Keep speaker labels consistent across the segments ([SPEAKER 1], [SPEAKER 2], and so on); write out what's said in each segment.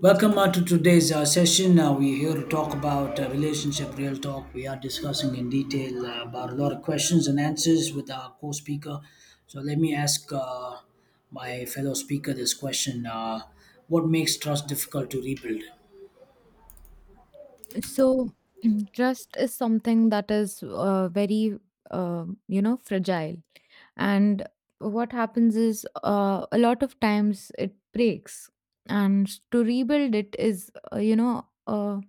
[SPEAKER 1] Welcome to today's session. We're here to talk about relationship real talk. We are discussing in detail about a lot of questions and answers with our co speaker. So, let me ask my fellow speaker this question. What makes trust difficult to rebuild?
[SPEAKER 2] So trust is something that is very you know fragile, and what happens is a lot of times it breaks, and to rebuild it is you know,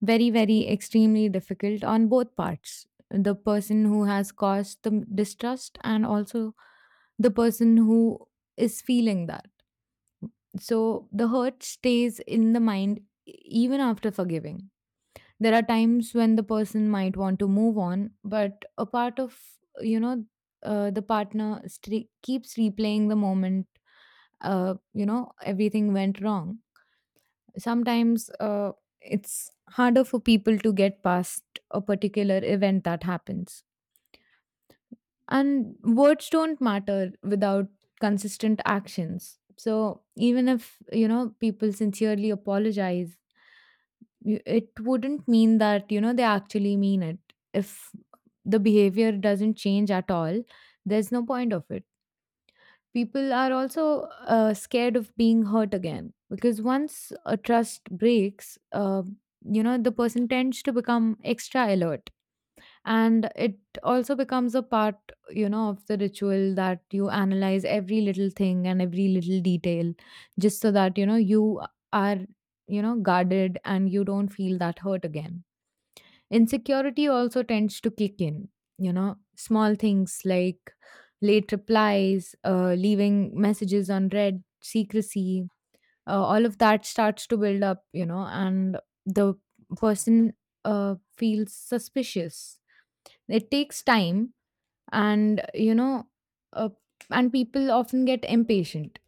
[SPEAKER 2] very extremely difficult on both parts. The person who has caused the distrust, and also the person who is feeling that. So the hurt stays in the mind even after forgiving, there are times when the person might want to move on, but a part of, you know, the partner keeps replaying the moment, you know, everything went wrong. Sometimes it's harder for people to get past a particular event that happens. And words don't matter without consistent actions. So even if, you know, people sincerely apologize, it wouldn't mean that, you know, they actually mean it if the behavior doesn't change at all. There's no point of it. People are also scared of being hurt again, because once a trust breaks, you know, the person tends to become extra alert, and it also becomes a part, you know, of the ritual that you analyze every little thing and every little detail just so that, you know, you are, you know, guarded and you don't feel that hurt again. Insecurity also tends to kick in, you know, small things like late replies, leaving messages unread, secrecy, all of that starts to build up, you know, and the person feels suspicious. It takes time, and you know, uh, and people often get impatient.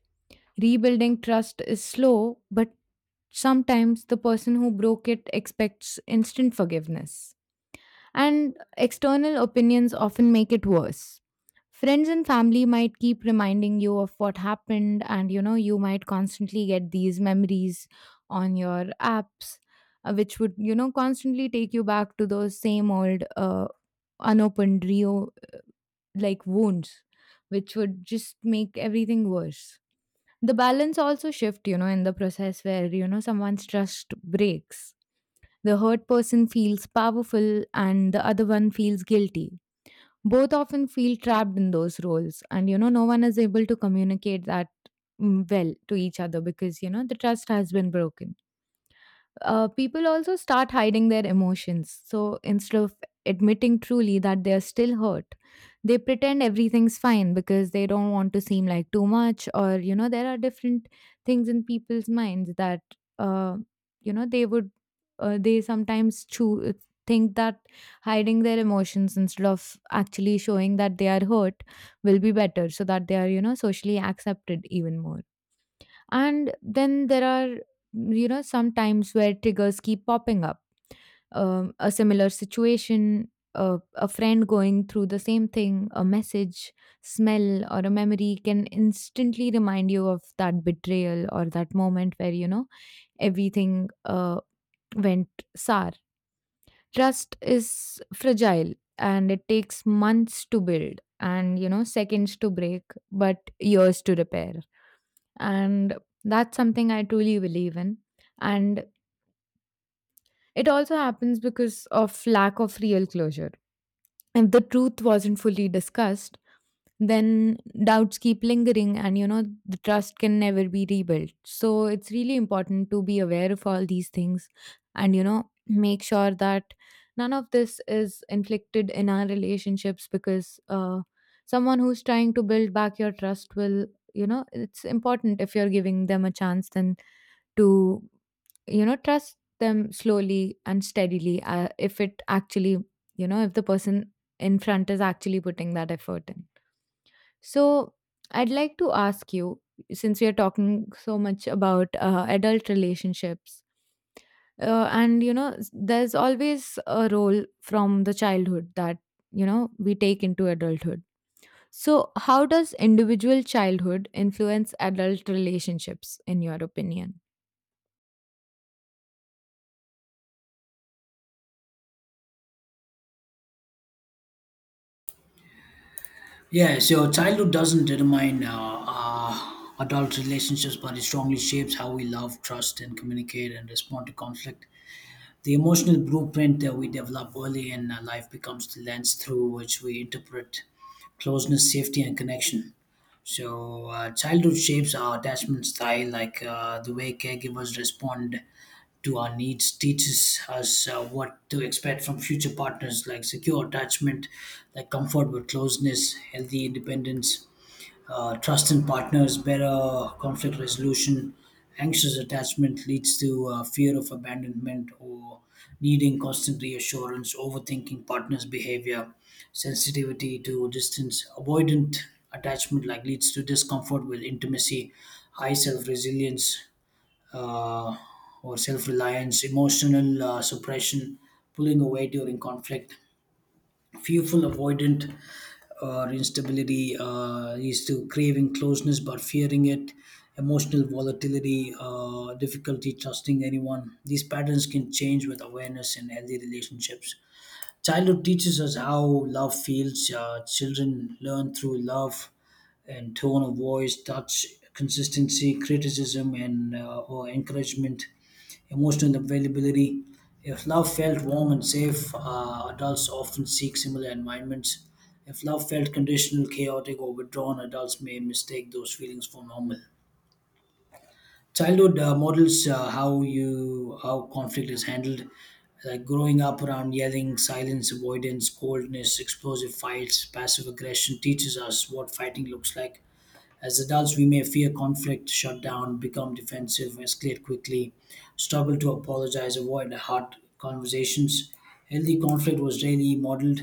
[SPEAKER 2] Rebuilding trust is slow, but sometimes the person who broke it expects instant forgiveness. And external opinions often make it worse. Friends and family might keep reminding you of what happened, and you know, you might constantly get these memories on your apps, which would, you know, constantly take you back to those same old unopened Rio like wounds, which would just make everything worse. The balance also shift, you know, in the process where, you know, someone's trust breaks, the hurt person feels powerful and the other one feels guilty. Both often feel trapped in those roles, and you know, no one is able to communicate that well to each other because, you know, the trust has been broken. People also start hiding their emotions. So instead of admitting truly that they are still hurt, they pretend everything's fine because they don't want to seem like too much, or you know, there are different things in people's minds that uh, you know, they would, they sometimes choose think that hiding their emotions instead of actually showing that they are hurt will be better so that they are, you know, socially accepted even more. And then there are, you know, some times where triggers keep popping up. A similar situation, a friend going through the same thing, a message, smell, or a memory can instantly remind you of that betrayal or that moment where, you know, everything went sour. Trust is fragile and it takes months to build and, you know, seconds to break, but years to repair, and that's something I truly believe in. And it also happens because of lack of real closure. If the truth wasn't fully discussed, then doubts keep lingering, and you know, the trust can never be rebuilt. So it's really important to be aware of all these things, and you know, make sure that none of this is inflicted in our relationships, because someone who's trying to build back your trust will, you know, it's important if you're giving them a chance, then to, you know, trust them slowly and steadily. If it actually, you know, if the person in front is actually putting that effort in. So I'd like to ask you, since we are talking so much about adult relationships, and you know, there's always a role from the childhood that, you know, we take into adulthood. So, how does individual childhood influence adult relationships, in your opinion?
[SPEAKER 1] Yeah, so childhood doesn't determine our adult relationships, but it strongly shapes how we love, trust, and communicate and respond to conflict. The emotional blueprint that we develop early in life becomes the lens through which we interpret closeness, safety, and connection. So, childhood shapes our attachment style, like the way caregivers respond to our needs, teaches us what to expect from future partners, like secure attachment, like comfort with closeness, healthy independence, trust in partners, better conflict resolution. Anxious attachment leads to fear of abandonment or needing constant reassurance, overthinking partners' behavior, sensitivity to distance, avoidant attachment like leads to discomfort with intimacy, high self resilience uh, or self reliance, emotional suppression, pulling away during conflict fearful avoidant or instability is to craving closeness but fearing it emotional volatility, difficulty trusting anyone these patterns can change with awareness and healthy relationships. Childhood teaches us how love feels. Children learn through love and tone of voice, touch, consistency, criticism, and or encouragement, emotional availability. If love felt warm and safe, adults often seek similar environments. If love felt conditional, chaotic, or withdrawn, adults may mistake those feelings for normal. Childhood models how conflict is handled. Like growing up around yelling, silence, avoidance, coldness, explosive fights, passive aggression teaches us what fighting looks like. As adults, we may fear conflict, shut down, become defensive, escalate quickly, struggle to apologize, avoid hard conversations. Healthy conflict was rarely modeled,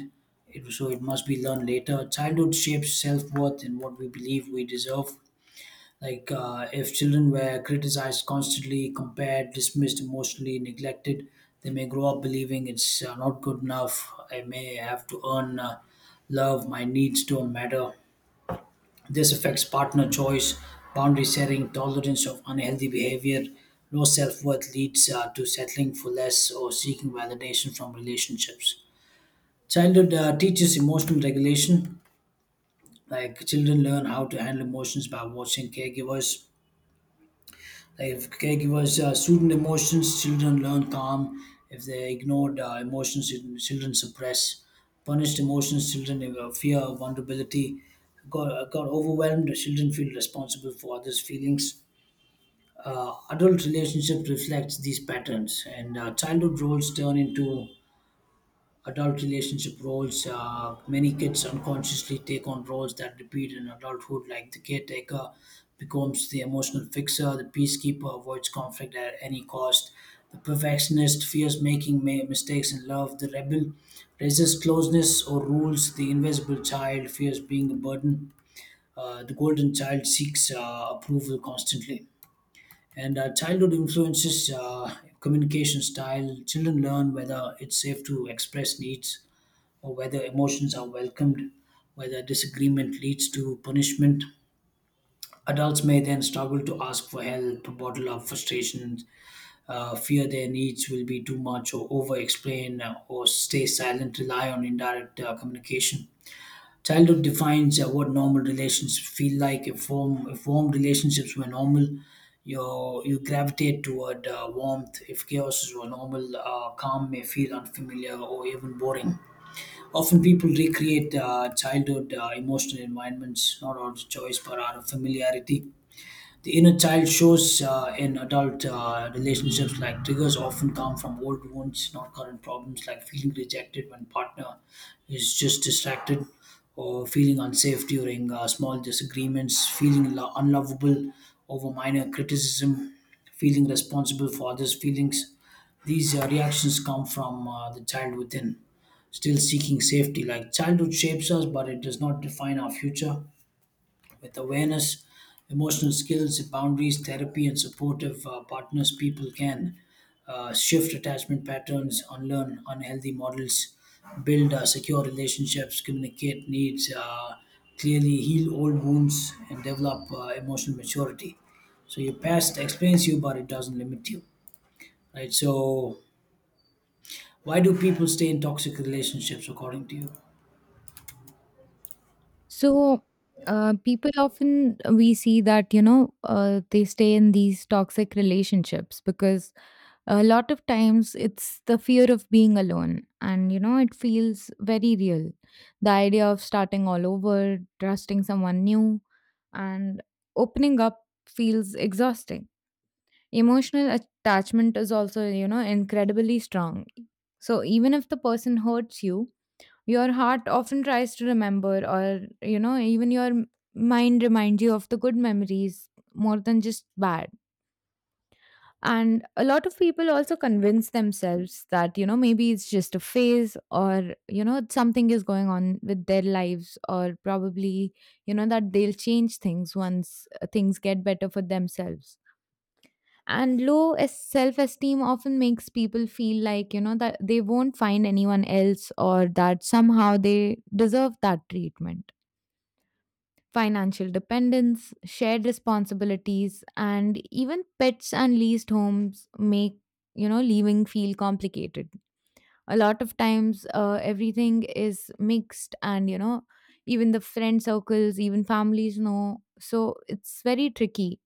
[SPEAKER 1] so it must be learned later. Childhood shapes self worth and what we believe we deserve. Like, if children were criticized constantly, compared, dismissed, emotionally neglected, they may grow up believing it's not good enough. I may have to earn love. My needs don't matter. This affects partner choice, boundary setting, tolerance of unhealthy behavior. Low self worth leads to settling for less or seeking validation from relationships. Childhood teaches emotional regulation. Like children learn how to handle emotions by watching caregivers. Like if caregivers sweeten emotions, children learn calm. If they ignored emotions, children suppress. Punished emotions, children fear vulnerability. Got overwhelmed, children feel responsible for others' feelings. Adult relationship reflects these patterns, and childhood roles turn into adult relationship roles. Many kids unconsciously take on roles that repeat in adulthood, like the caretaker becomes the emotional fixer, the peacekeeper avoids conflict at any cost, the perfectionist fears making mistakes in love, the rebel resists closeness or rules, the invisible child fears being a burden, the golden child seeks approval constantly. And childhood influences communication style. Children learn whether it's safe to express needs, or whether emotions are welcomed, whether disagreement leads to punishment. Adults may then struggle to ask for help, bottle up frustrations, fear their needs will be too much, or over explain, or stay silent, rely on indirect communication. Childhood defines what normal relationships feel like. If warm relationships were normal, you gravitate toward warmth. If chaos is were normal, calm may feel unfamiliar or even boring. Often people recreate childhood emotional environments, not out of choice but out of familiarity. The inner child shows in adult relationships, like triggers often come from old wounds, not current problems, like feeling rejected when partner is just distracted, or feeling unsafe during small disagreements, feeling unlovable over minor criticism, feeling responsible for others' feelings. These reactions come from the child within, still seeking safety. Like childhood shapes us, but it does not define our future with awareness, emotional skills, boundaries, therapy, and supportive partners, people can shift attachment patterns, unlearn unhealthy models, build secure relationships, communicate needs clearly, heal old wounds, and develop emotional maturity. So your past explains you, but it doesn't limit you, right? So why do people stay in toxic relationships, according to you?
[SPEAKER 2] So, people often, we see that, you know, they stay in these toxic relationships because a lot of times it's the fear of being alone, and you know, it feels very real. The idea of starting all over, trusting someone new, and opening up feels exhausting. Emotional attachment is also, you know, incredibly strong. So even if the person hurts you, your heart often tries to remember, or, you know, even your mind reminds you of the good memories more than just bad. And a lot of people also convince themselves that, you know, maybe it's just a phase, or, you know, something is going on with their lives, or probably, you know, that they'll change things once, things get better for themselves. And low self esteem often makes people feel like, you know, that they won't find anyone else, or that somehow they deserve that treatment. Financial dependence, shared responsibilities, and even pets and leased homes make, you know, leaving feel complicated. A lot of times, everything is mixed, and you know, even the friend circles, even families know, so it's very tricky.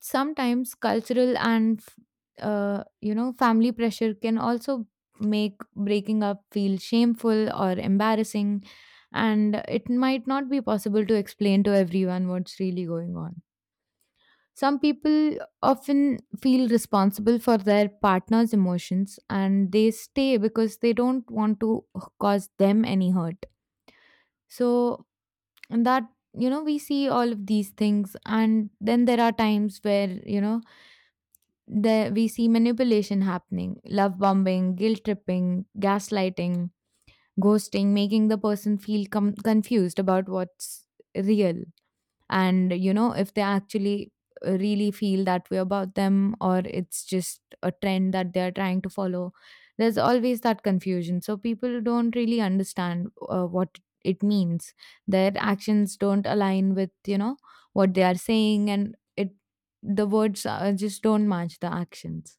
[SPEAKER 2] Sometimes cultural and you know, family pressure can also make breaking up feel shameful or embarrassing, and it might not be possible to explain to everyone what's really going on. Some people often feel responsible for their partner's emotions and they stay because they don't want to cause them any hurt. So, and that, you know, we see all of these things, and then there are times where, you know, there we see manipulation happening, love bombing, guilt tripping, gaslighting, ghosting, making the person feel confused about what's real. And you know, if they actually, really feel that way about them, or it's just a trend that they're trying to follow, there's always that confusion. So people don't really understand what it means. Their actions don't align with, you know, what they are saying, and it, the words, just don't match the actions.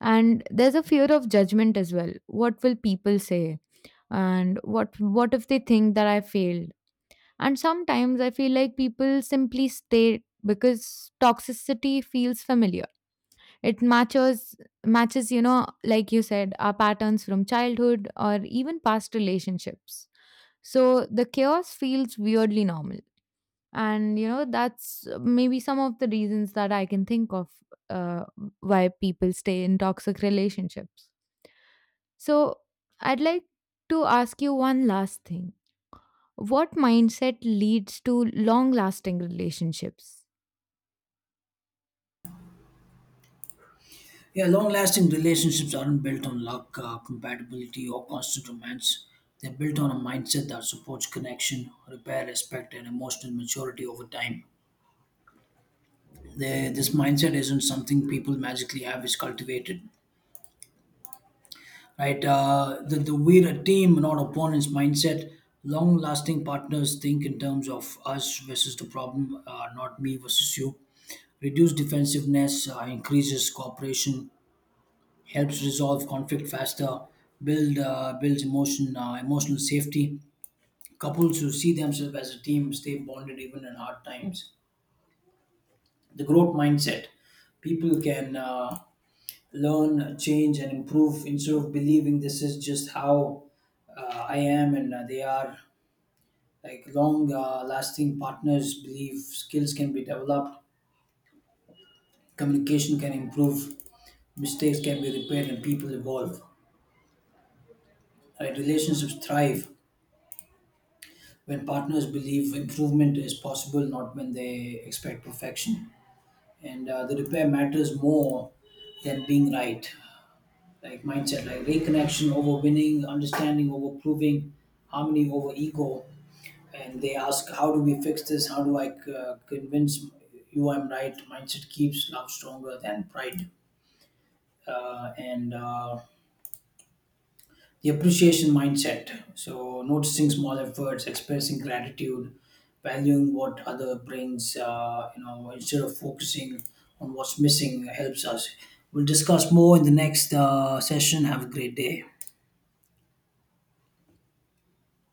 [SPEAKER 2] And there's a fear of judgment as well. What will people say, and what if they think that I failed? And sometimes I feel like people simply stay because toxicity feels familiar. It matches, matches, you know, like you said, our patterns from childhood or even past relationships. So the chaos feels weirdly normal, and you know, that's maybe some of the reasons that I can think of uh, why people stay in toxic relationships. So, I'd like to ask you one last thing. What mindset leads to long lasting relationships?
[SPEAKER 1] Yeah, long lasting relationships aren't built on luck, compatibility, or constant romance. They're built on a mindset that supports connection, repair, respect, and emotional maturity over time. This mindset isn't something people magically have, it's cultivated. Right? The we're a team, not opponents mindset. Long lasting partners think in terms of us versus the problem, not me versus you reduce defensiveness, increases cooperation, helps resolve conflict faster, builds emotional safety. Couples who see themselves as a team stay bonded even in hard times. The growth mindset. People can learn, change, and improve instead of believing this is just how I am and they are. Like long lasting partners believe skills can be developed, communication can improve, mistakes can be repaired, and people evolve. Right? Relationships thrive when partners believe improvement is possible, not when they expect perfection. And the repair matters more than being right. Like mindset, like reconnection over winning, understanding over proving, harmony over ego. And they ask, how do we fix this? How do I convince you I'm right? Mindset keeps love stronger than pride. And the appreciation mindset so noticing small efforts expressing gratitude valuing what other brings uh, instead of focusing on what's missing helps us we'll discuss more in the next session have a great day.